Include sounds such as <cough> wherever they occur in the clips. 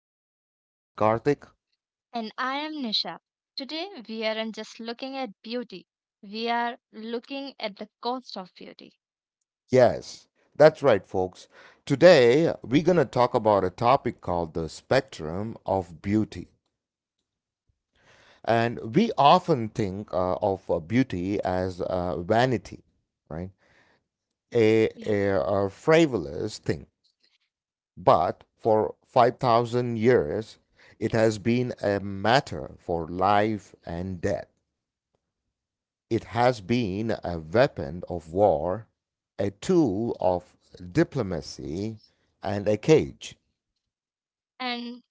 I'm your host, Karthik. And I am Nisha. Today we aren't just looking at beauty, we are looking at the cost of beauty. Yes, that's right, folks. Today, we're going to talk about a topic called the spectrum of beauty. And we often think of beauty as vanity, right? A, Yeah. a, a frivolous thing. But for 5,000 years, it has been a matter for life and death. It has been a weapon of war, a tool of diplomacy, and a cage. And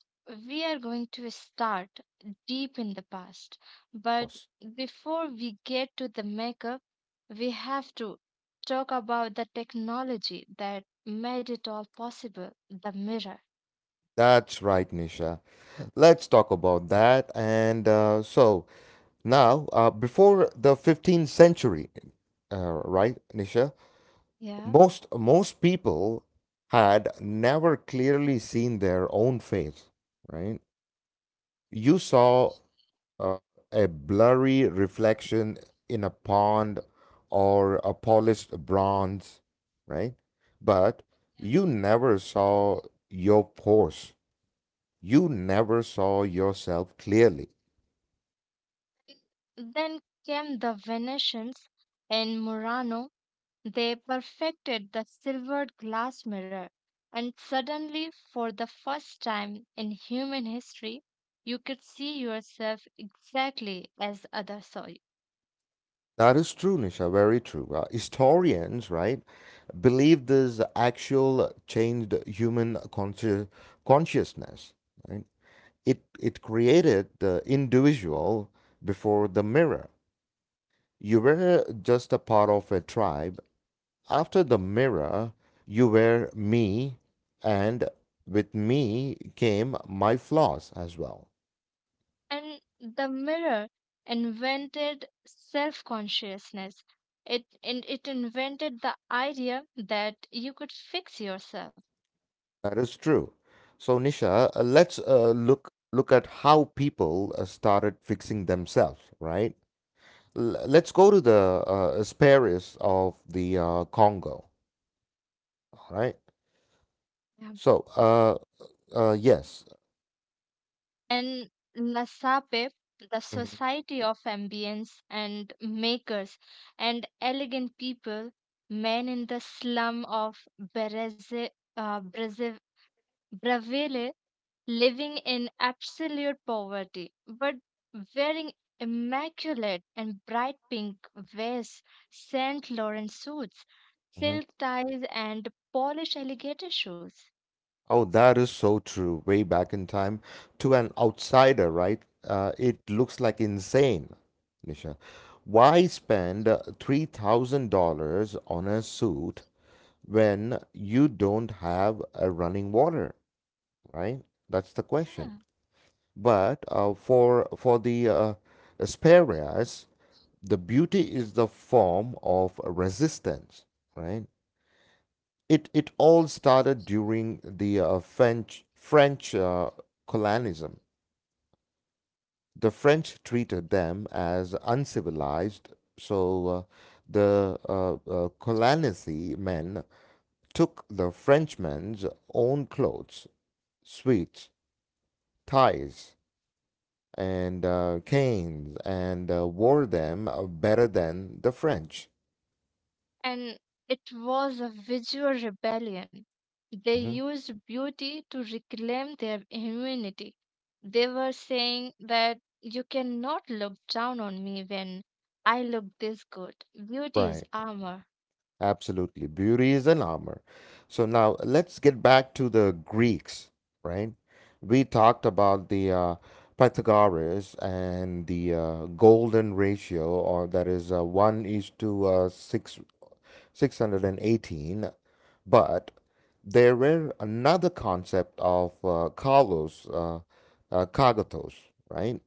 we are going to start deep in the past. But Course. before we get to the makeup, we have to talk about the technology that made it all possible, the mirror. That's right, Nisha. Let's talk about that. And so now, before the 15th century, right, Nisha, Yeah. most people had never clearly seen their own face, right? You saw uh, a blurry reflection in a pond or a polished bronze, right? But you never saw your force. You never saw yourself clearly. Then came the Venetians in Murano. They perfected the silvered glass mirror, and suddenly, for the first time in human history, you could see yourself exactly as others saw you. That is true, Nisha, very true. Historians, right, believe this actual changed human consciousness. Right? It created the individual before the mirror. You were just a part of a tribe. After the mirror, you were me, and with me came my flaws as well. And the mirror invented self consciousness. And it invented the idea that you could fix yourself That is true. So, Nisha, let's look at how people started fixing themselves. Right? Let's go to the Asparis of the Congo. All right. So, yes. and Nasape, the Mhm, Society of Ambience and Makers and Elegant People, men in the slum of Bereze, uh, Breze- Bravele, living in absolute poverty, but wearing immaculate and bright pink vests, Saint Laurent suits, mhm. silk ties, and polished alligator shoes. Oh, that is so true. Way back in time, to an outsider, right? It looks like insane, Nisha. Why spend $3,000 on a suit when you don't have a running water, right? That's the question. But for the Asperias, the beauty is the form of resistance, right? It all started during the French colonialism. The French treated them as uncivilized, so the colonialist men took the Frenchmen's own clothes, suits, ties, and canes, and wore them better than the French. And it was a visual rebellion. They Mhm. used beauty to reclaim their humanity. They were saying that you cannot look down on me when I look this good. Beauty is Right. armor. Absolutely. Beauty is an armor. So now let's get back to the Greeks, right? We talked about the Pythagoras and the golden ratio, or that is 1 is to 6, 618. But there were another concept of kalos, kagatos, right?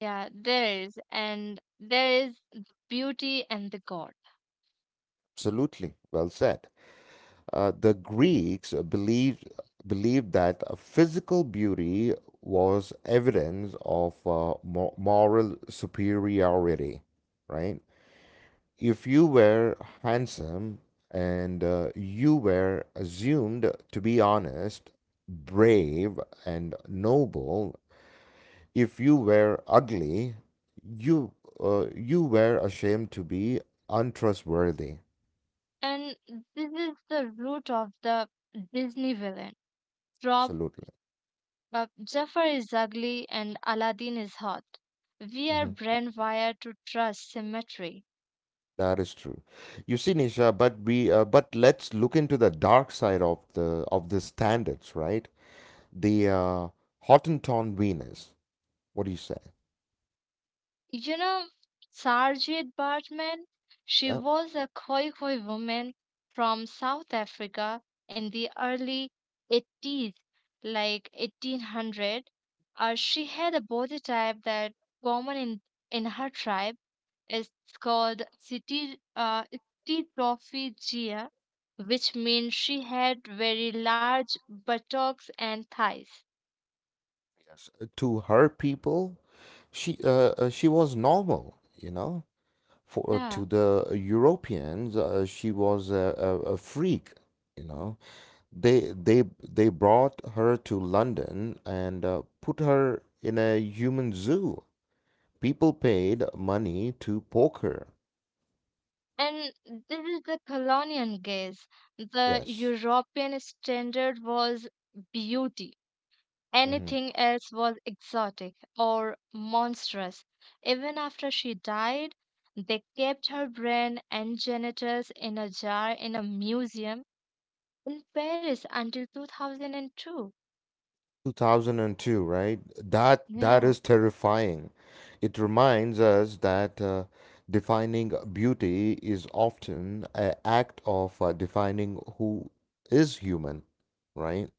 Yeah, there is, and there is beauty and the God. Absolutely. Well said. The Greeks believed that physical beauty was evidence of moral superiority, right? If you were handsome and you were assumed to be honest, brave, and noble, if you were ugly, you you were ashamed to be untrustworthy. And this is the root of the Disney villain. Drop. Absolutely. But Jafar is ugly and Aladdin is hot. We are brainwired to trust symmetry. That is true. You see, Nisha, but we but let's look into the dark side of the standards, right? The Hottentot Venus. What do you say? You know, Sarjit Bartman, she Yeah. was a Khoi Khoi woman from South Africa in the early 80s, like 1800. She had a body type that common in her tribe. It's called City Trophy, which means she had very large buttocks and thighs. Yes. To her people, she was normal, you know. For Yeah. To the Europeans, she was a freak, you know. They they they brought her to London and put her in a human zoo. People paid money to poker. And this is the colonial gaze. The Yes. European standard was beauty. Hmm. Anything else was exotic or monstrous. Even after she died, they kept her brain and genitals in a jar in a museum in Paris until 2002. 2002, right? That Yeah. is terrifying. It reminds us that defining beauty is often an act of defining who is human, right?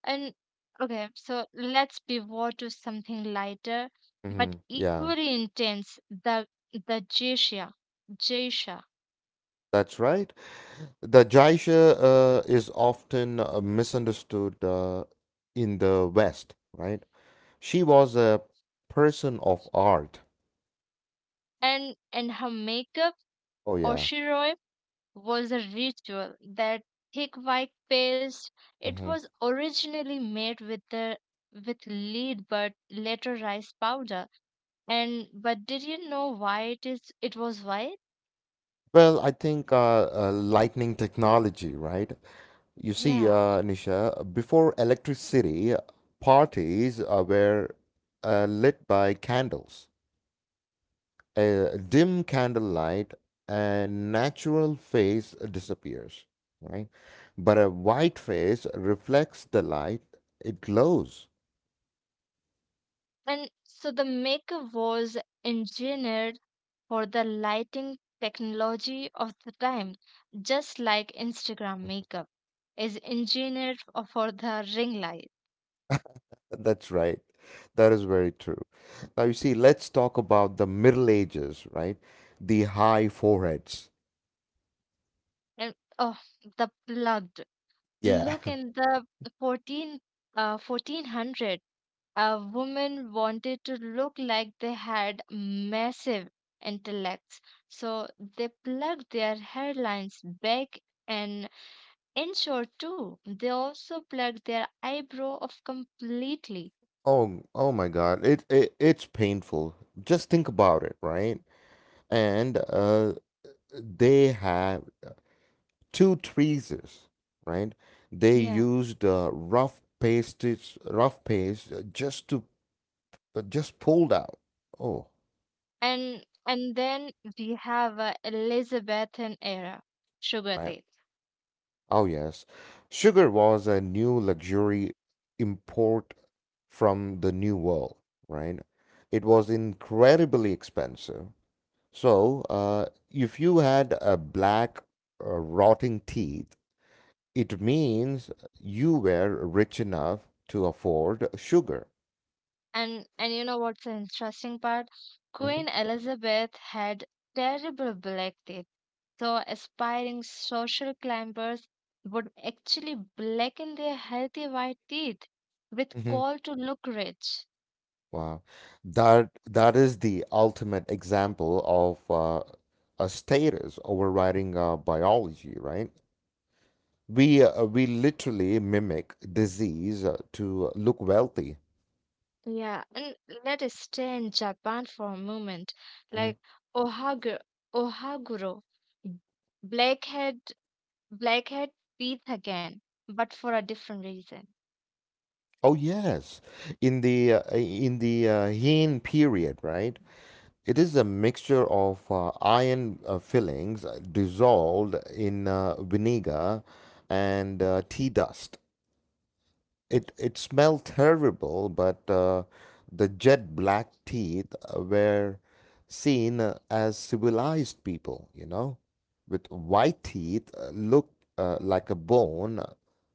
And okay, so let's pivot to something lighter but Hmm. Yeah, equally intense, the Jasha. Jasha. that's right. The Jaisha is often misunderstood in the West, right? She was a person of art. And her makeup, Oh, yeah. Oshiroi, was a ritual. That thick white paste, it Hmm. was originally made with lead but later rice powder. And but did you know why it was white? Well, I think lightning technology, right? You see, Yeah. Nisha, before electricity, parties were lit by candles. A dim candlelight. A natural face disappears, right? But a white face reflects the light, it glows. And so the makeup was engineered for the lighting technology of the time, just like Instagram makeup is engineered for the ring light. That's right. That is very true. Now, you see, let's talk about the Middle Ages, right? The high foreheads. And, oh, the plugged Yeah. look <laughs> in the 14 1400, a woman wanted to look like they had massive intellects, so they plugged their hairlines back an inch or two. They also plugged their eyebrow off completely. Oh my God. It's painful. Just think about it, right? And they have two tweezers, right? They Yeah. used rough paste just pulled out. Oh, And then we have, Elizabethan era sugar right. tea. Oh yes. Sugar was a new luxury import from the New World, right? It was incredibly expensive. So, if you had a black, rotting teeth, it means you were rich enough to afford sugar. And you know what's the interesting part, Mhm, Queen Elizabeth had terrible black teeth, so aspiring social climbers would actually blacken their healthy white teeth with mhm. call to look rich. Wow, that is the ultimate example of a status overriding biology, right? We literally mimic disease to look wealthy. Yeah, and let us stay in Japan for a moment, Mhm. like, ohaguro ohaguro, blackhead Blackhead, breathe again, but for a different reason. Oh yes, in the Heian period, right? It is a mixture of iron fillings dissolved in vinegar and tea dust. It smelled terrible, but the jet black teeth were seen as civilized people, you know, with white teeth look like a bone,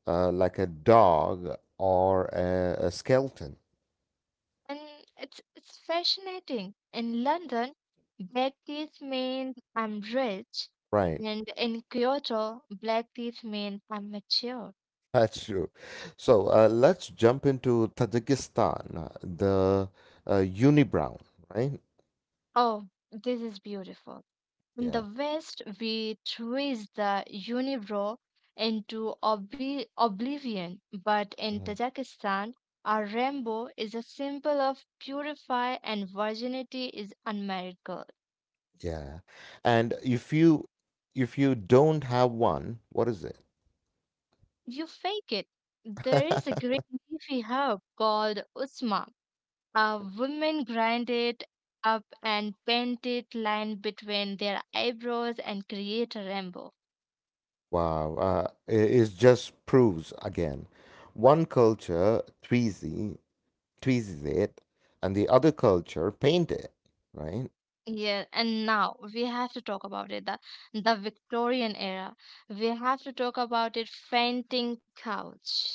like a dog or a skeleton, And it's fascinating. In London, black teeth means I'm rich, right? and in Kyoto, black teeth means I'm mature. That's true. So let's jump into Tajikistan, the unibrown, right? Oh, this is beautiful. In the Yeah. West, we twist the unibrow into oblivion, but in Mhm. Tajikistan, our rainbow is a symbol of purify and virginity is unmarried girl. Yeah. And if you don't have one, what is it? You fake it. There is a <laughs> great leafy herb called usma. Women grind it up and paint it line between their eyebrows and create a rainbow. Wow, it just proves again, one culture tweezy tweezes it, and the other culture paint it, right? Yeah, and now we have to talk about it. The Victorian era. We have to talk about it fainting couch.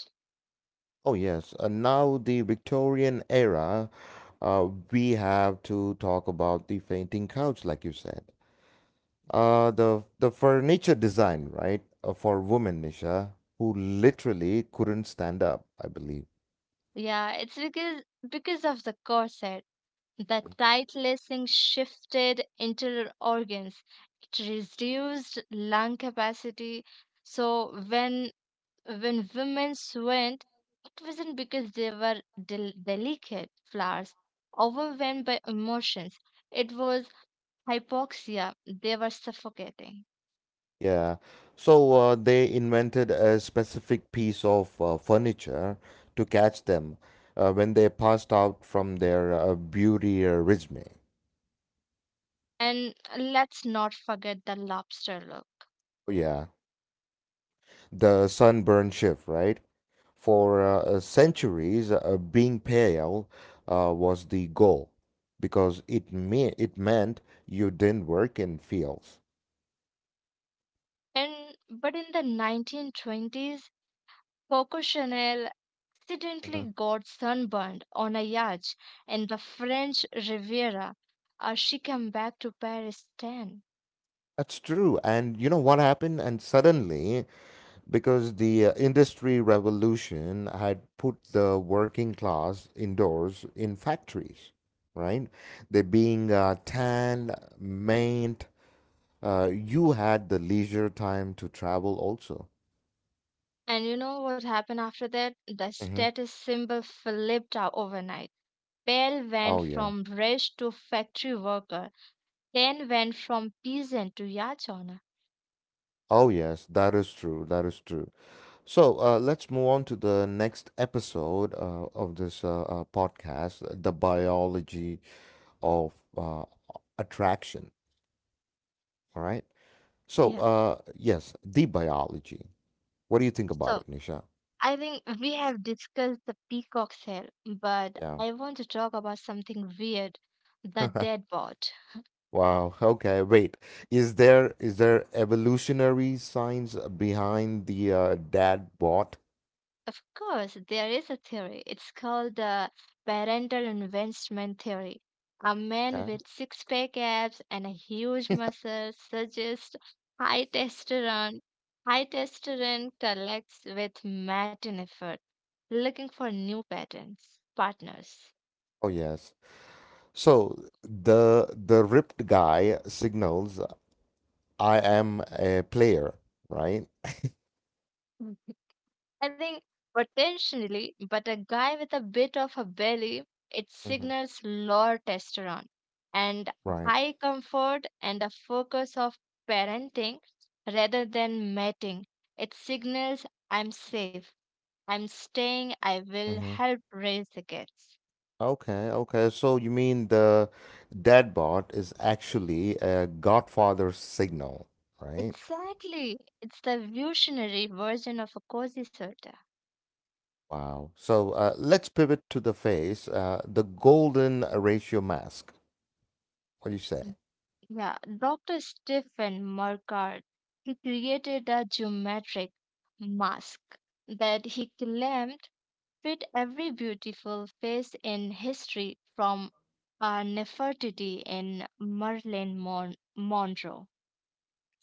Oh, yes. Now, the Victorian era, we have to talk about the fainting couch, like you said. The furniture design, right, for women, Nisha, who literally couldn't stand up, I believe. Yeah, it's because of the corset. The tight lacing shifted internal organs. It reduced lung capacity. So when women went, it wasn't because they were delicate flowers, overwhelmed by emotions. It was hypoxia. They were suffocating. Yeah. So they invented a specific piece of furniture to catch them when they passed out from their beauty resume. And let's not forget the lobster look. Oh, yeah. The sunburn shift, right? For centuries, being pale was the goal because it meant you didn't work in fields. And but in the 1920s, Coco Chanel accidentally Uh-huh. got sunburned on a yacht in the French Riviera. As she came back to Paris 10. That's true. And you know what happened? And suddenly, because the industry revolution had put the working class indoors in factories, right? They being tanned, maimed, you had the leisure time to travel also. And you know what happened after that? The status symbol flipped out overnight. Pale went Oh, yeah. from rich to factory worker, then went from peasant to yacht owner. Oh, yes, that is true. That is true. So let's move on to the next episode of this podcast, the Biology of uh, Attraction. All right. So, Yeah. Yes, the biology. What do you think about So it, Nisha? I think we have discussed the peacock sale, but Yeah. I want to talk about something weird, the <laughs> dead bot. Wow. Okay. Wait. Is there evolutionary science behind the dad bot? Of course, there is a theory. It's called the parental investment theory. A man Huh? with six pack abs and a huge muscle suggests high testosterone. High testosterone collects with matin effort, looking for new patterns, partners. Oh, yes. So the ripped guy signals I am a player, right? <laughs> I think potentially, but a guy with a bit of a belly, it Mm-hmm. signals lower testosterone and Right. high comfort and a focus of parenting rather than mating. It signals I'm safe, I'm staying, I will Mm-hmm. help raise the kids. Okay, okay. So you mean the dead bot is actually a Godfather signal, right? Exactly. It's the evolutionary version of a cozy suit. Wow. So let's pivot to the face, the golden ratio mask. What do you say? Yeah, Dr. Stephen Mercard, he created a geometric mask that he claimed fit every beautiful face in history from, Nefertiti in Marilyn Monroe.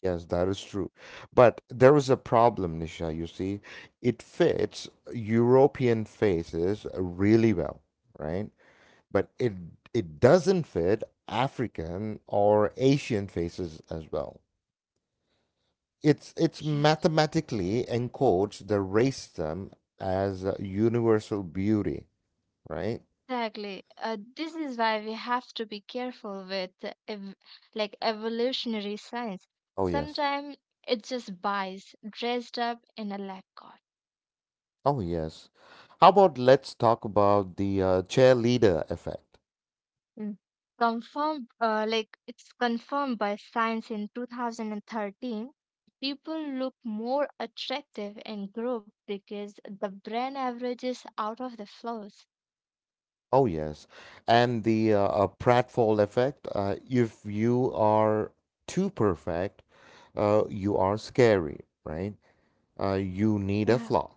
Yes, that is true. But there is a problem, Nisha, you see. It fits European faces really well, right? But it doesn't fit African or Asian faces as well. It's Yeah. mathematically encodes the racism as a universal beauty, right? Exactly. This is why we have to be careful with, ev- like, evolutionary science. Oh yes. Sometimes it just buys dressed up in a lab coat. Oh yes. How about let's talk about the cheerleader effect? Mm. confirmed Like, it's confirmed by science in 2013, people look more attractive in group because the brain averages out of the flows. Oh, yes. And the pratfall effect, if you are too perfect, you are scary, right? You need a Yeah. flaw,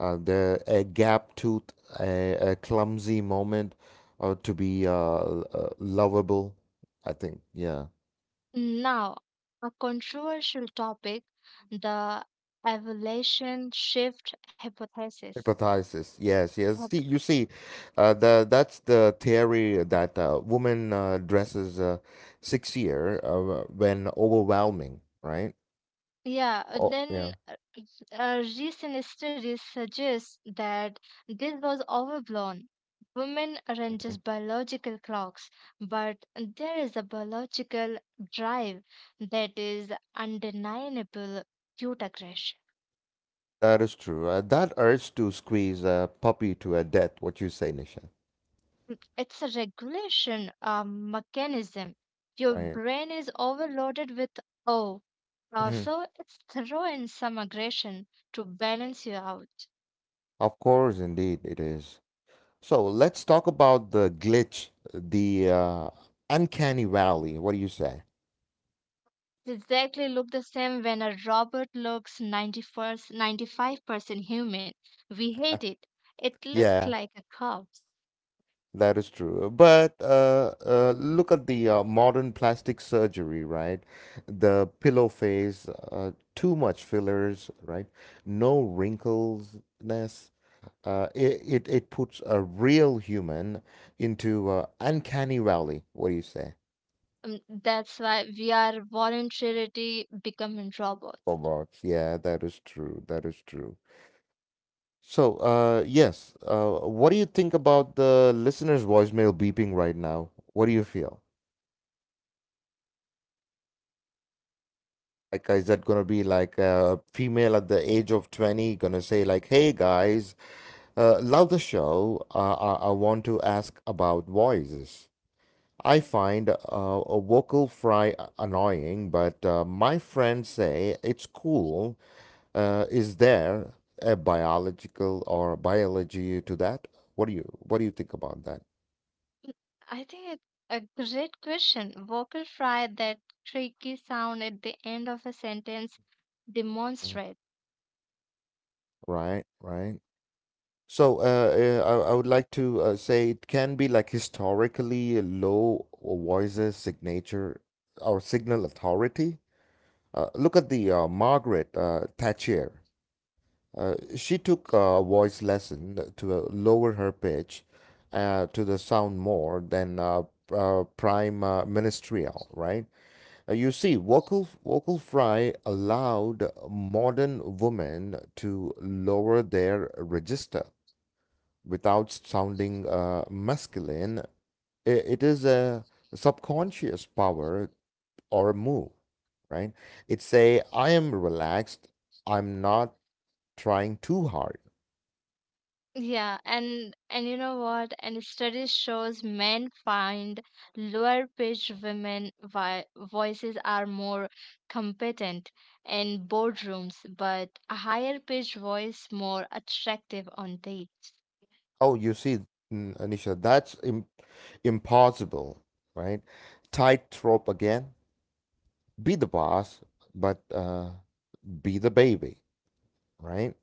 the a, gap tooth, a clumsy moment to be lovable, I think. Yeah. Now, a controversial topic, the evolution shift hypothesis. Hypothesis. Yes, yes. Hypo- See, you see, the that's the theory that woman dresses sexier when overwhelming, right? yeah, Oh, yeah. then, recent studies suggest that this was overblown. Women aren't Mhm. just biological clocks, but there is a biological drive that is undeniable, cute aggression. That is true. That urge to squeeze a puppy to a death, what you say, Nisha. It's a regulation mechanism. Your Right. brain is overloaded with oh, Mhm. so it's throw in some aggression to balance you out. Of course, indeed, it is. So let's talk about the glitch, the uncanny valley. What do you say? Exactly, look the same when a robot looks 91st 95% human. We hate it. It <laughs> looked Yeah, like a corpse. that is true. But look at the modern plastic surgery, right? The pillow face, too much fillers, right? No wrinkles. It puts a real human into uncanny valley. What do you say? That's why we are voluntarily becoming robots. Robots. Yeah, that is true. That is true. So, yes. What do you think about the listener's voicemail beeping right now? What do you feel? Like, is that gonna be like a female at the age of 20 gonna say like, "Hey guys, love the show. I want to ask about voices." I find a vocal fry annoying, but my friends say it's cool. Is there a biological or biology to that? What do you think about that? I think it's a great question. Vocal fry, that creaky sound at the end of a sentence, Mm. demonstrates. Right, right. So I would like to say it can be like historically low voices signature or signal authority. Look at the Margaret Thatcher. She took a voice lesson to lower her pitch to the sound more than prime ministerial, right? You see, vocal fry allowed modern women to lower their register without sounding masculine. I It is a subconscious power or move, right? It's a I am relaxed. I'm not trying too hard. Yeah, and you know what? And studies shows men find lower pitched women vi voices are more competent in boardrooms, but a higher pitched voice more attractive on dates. Oh, you see, Anisha, that's im impossible, right? Tightrope again. Be the boss, but be the baby, right?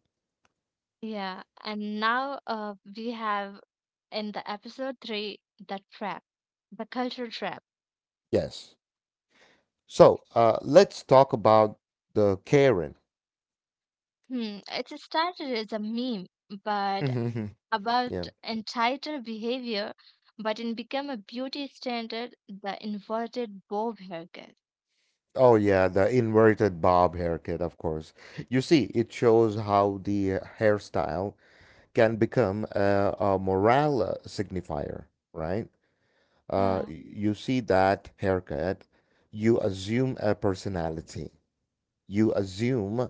Yeah, and now, we have in the episode three, the trap, the cultural trap. Yes. So let's talk about the Karen. Hmm, it started as a meme, but <laughs> about Yeah. entitled behavior, but it became a beauty standard. The inverted bob haircut. Oh, yeah, the inverted bob haircut, of course. You see, it shows how the hairstyle can become a morale signifier, right? uh, Yeah, you see that haircut, you assume a personality. You assume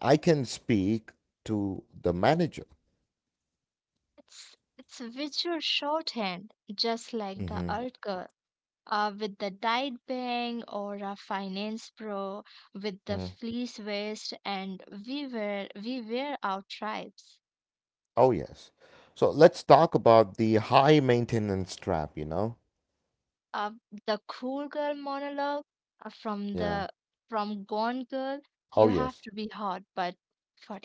I can speak to the manager. it's visual shorthand, just like the Hmm. art girl. With the diet bang or a finance pro with the fleece vest, and we were our tribes. Oh, yes. So let's talk about the high maintenance trap, you know? uh, the cool girl monologue, uh, from Yeah. the from Gone Girl, you Oh, have yes. to be hot but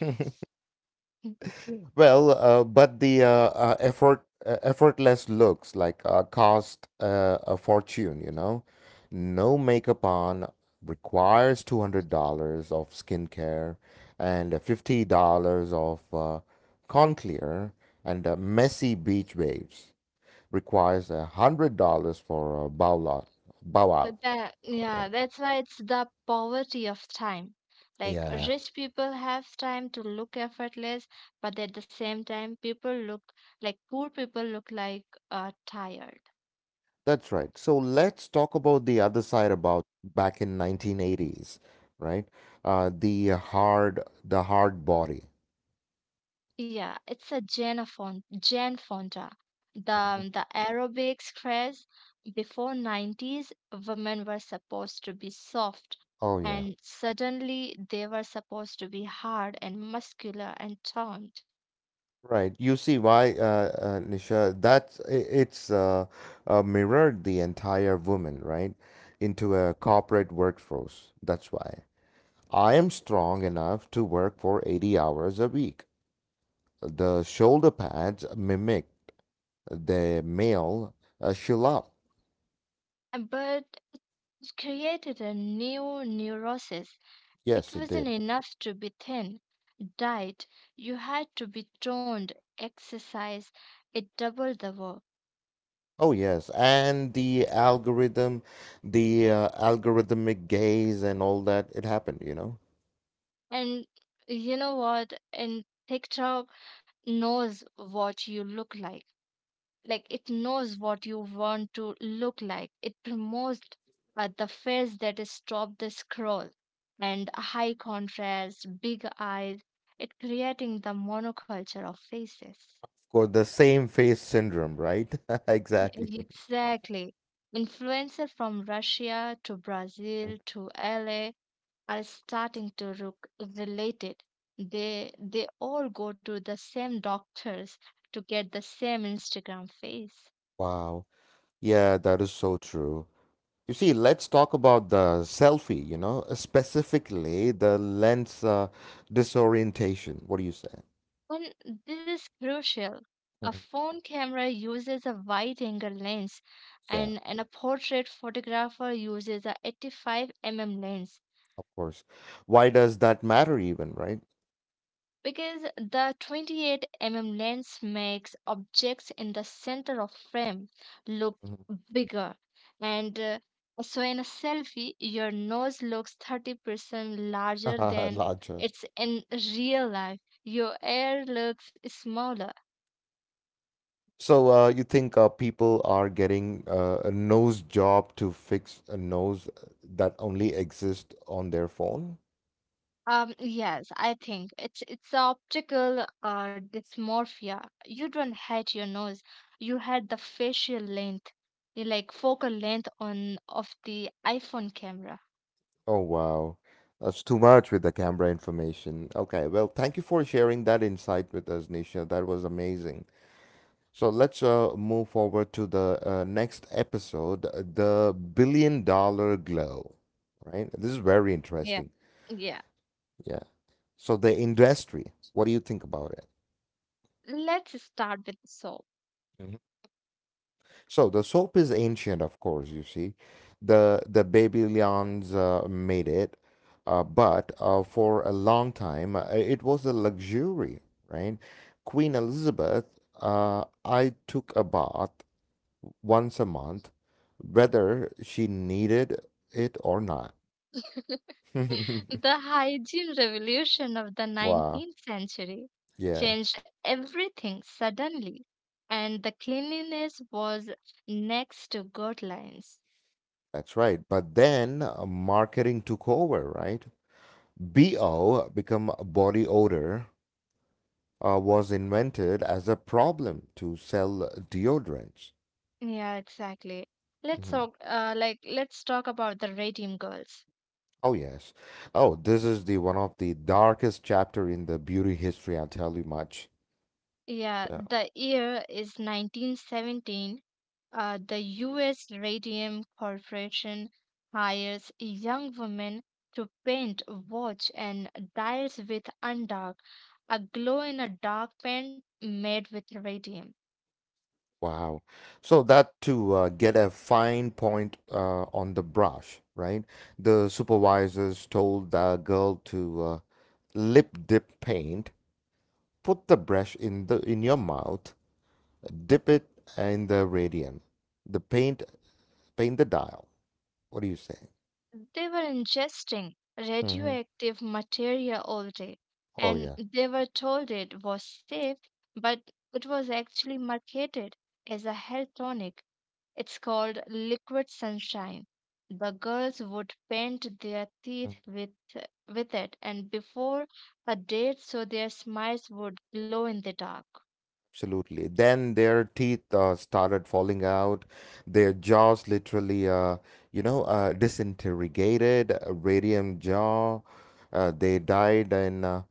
<laughs> <laughs> Well, but the effortless looks like cost a fortune, you know. No makeup on requires $200 of skincare and $50 of con clear, and messy beach waves requires $100 for a bow out. Bow So out. that, Uh, yeah, that's why it's the poverty of time, like, yeah. rich people have time to look effortless, but at the same time, people look like poor people look like tired. That's right. So let's talk about the other side about back in 1980s, right? The hard body. Yeah, it's a Jane Fonda. The Mhm. um, the aerobics craze before 90s, women were supposed to be soft, Oh yeah, and suddenly they were supposed to be hard and muscular and toned. right. You see why, Nisha? That's I- it's mirrored the entire woman, right, into a corporate workforce. That's why I am strong enough to work for 80 hours a week. The shoulder pads mimic the male shillap. But it created a new neurosis. It Yes, it wasn't did. enough to be thin, diet. You had to be toned, exercise. It doubled the work. Oh yes, and the algorithm, the algorithmic gaze and all that, it happened, you know. And you know what? In TikTok knows what you look like. Like, it knows what you want to look like. It promotes, the face that is top the scroll and high contrast, big eyes. It creating the monoculture of faces. Of course, the same face syndrome, right? <laughs> E- Exactly. Exactly. Influencer from Russia to Brazil to LA are starting to look related. They all go to the same doctors to get the same Instagram face. Wow. Yeah, that is so true. You see, let's talk about the selfie, you know, specifically the lens disorientation. What do you say? And this is crucial. A Mhm. phone camera uses a wide angle lens, Yeah, and a portrait photographer uses a 85 mm lens of course. Why does that matter even, right? because the 28 mm lens makes objects in the center of frame look Mhm. bigger. And so in a selfie, your nose looks 30% larger <laughs> than Larger. it's in real life. Your ear looks smaller. So you think people are getting a nose job to fix a nose that only exists on their phone? Yes, I think it's a optical dysmorphia. You don't hate your nose, you hate the facial length, you like focal length on of the iPhone camera. Oh wow, that's too much with the camera information. Okay, well, thank you for sharing that insight with us, Nisha. That was amazing. So let's move forward to the next episode, the billion dollar glow. Right? This is very Yeah. interesting. Yeah, Yeah. So the industry, what do you think about it? let's start with the soap. So the soap is ancient, of course, you see. The Babylonians made it, but for a long time it was a luxury, right? Queen Elizabeth, I took a bath once a month, whether she needed it or not. <laughs> <laughs> The hygiene revolution of the Wow. 19th century Yeah, changed everything suddenly, and the cleanliness was next to guidelines. that's right. But then marketing took over, right? BO become body odor was invented as a problem to sell deodorants. Yeah, exactly. Mhm. Like, let's talk about the Redeem Girls. Oh yes. Oh, this is the one of the darkest chapter in the beauty history, I'll tell you much. Yeah, Yeah. the year is 1917. The U.S. Radium Corporation hires young women to paint, watch, and dyes with undark, a glow in a dark paint made with radium. Wow. So that to get a fine point on the brush, right? The supervisors told the girl to lip dip paint, put the brush in your mouth, dip it in the radium, the paint the dial. What do you say? They were ingesting radioactive material all day, Oh, and yeah. they were told it was safe, but it was actually marketed as a health tonic. It's called liquid sunshine. The girls would paint their Mm, teeth with it, and before a date, so their smiles would glow in the dark. absolutely. Then their teeth started falling out. Their jaws literally, disintegrated, radium jaw. They died in uh,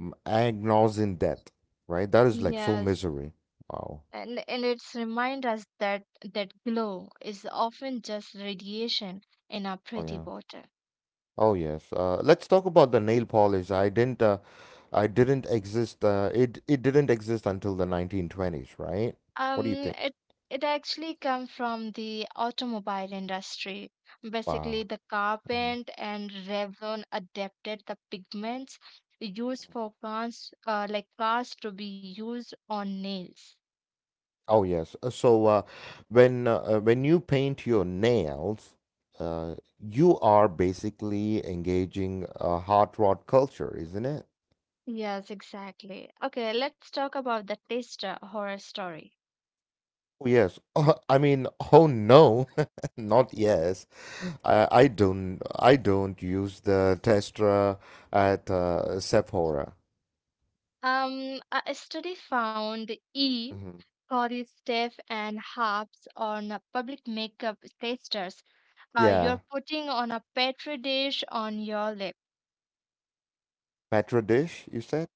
m- agonising death, right? That is like so Yes, misery. Wow. and it's remind us that that glow is often just radiation in a Oh, pretty yeah. bottle. Oh, yes. Let's talk about the nail polish. I didn't exist. It didn't exist until the 1920s, right? What do you Um, think? it it actually come from the automobile industry. Basically, Wow. the Mm-hmm. Carpent and Revlon adapted the pigments used for cars, like cars, to be used on nails. Oh yes. So when you paint your nails, you are basically engaging a hot rod culture, isn't it? Yes, exactly. Okay, let's talk about the taster horror story. Oh yes. <laughs> Oh, I mean, oh no, <laughs> not yes. I don't use the Testra at Sephora. A study found E. Hmm. Corey Steph and Harps on public makeup tasters, Yeah, you're putting on a petri dish on your lip. Petra dish, you said.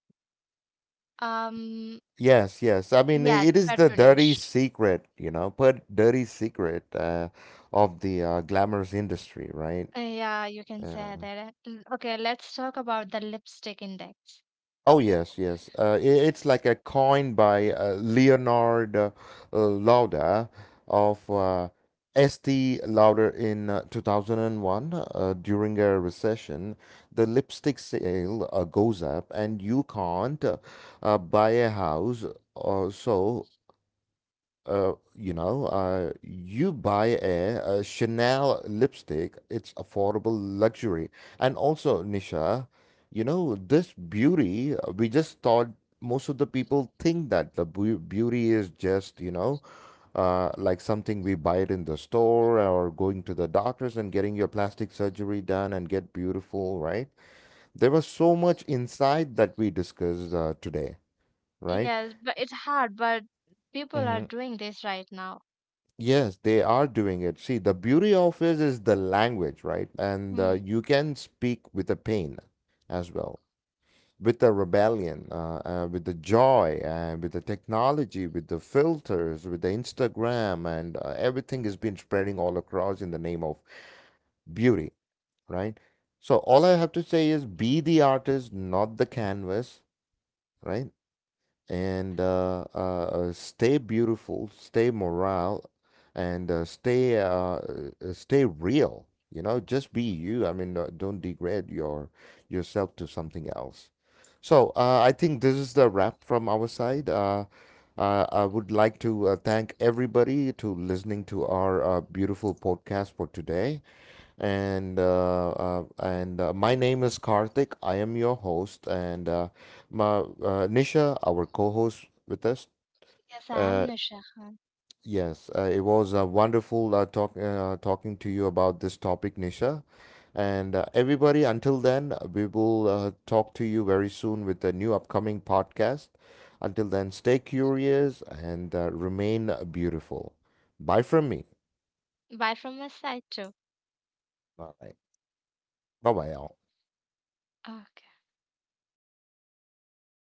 Um, Yes, yes. I mean, yeah, it's it is petri the dirty dish. secret, you know, but dirty secret of the glamorous industry, right? Yeah, you can say Uh, that. Okay, let's talk about the lipstick index. oh, yes, yes. I it's like a coin by Leonard Lauda of Estee Lauder in 2001 during a recession. The lipstick sale goes up, and you can't buy a house or so. You know, you buy a Chanel lipstick, it's affordable luxury. And also, Nisha, you know, this beauty, we just thought most of the people think that the beauty is just, you know, like something we buy it in the store or going to the doctors and getting your plastic surgery done and get beautiful, right? There was so much inside that we discussed today, right? Yes, but it's hard, but people are doing this right now. Yes, they are doing it. See, the beauty of it is the language, right? And Hmm. you can speak with the pain as well, with the rebellion, with the joy, and with the technology, with the filters, with the Instagram, and everything has been spreading all across in the name of beauty, right? So all I have to say is be the artist, not the canvas, right? and Stay beautiful, stay morale, and stay real. You know, just be you. I mean, don't degrade yourself to something else. So I think this is the wrap from our side. I would like to thank everybody to listening to our beautiful podcast for today. And my name is Karthik. I am your host, and my Nisha, our co-host with us. Yes, I am Uh, Nisha Khan. yes, it was wonderful talking to you about this topic, Nisha. And everybody, until then, we will talk to you very soon with a new upcoming podcast. Until then, stay curious and remain beautiful. Bye from me. Bye from my side too. All right. Bye bye, y'all. Okay.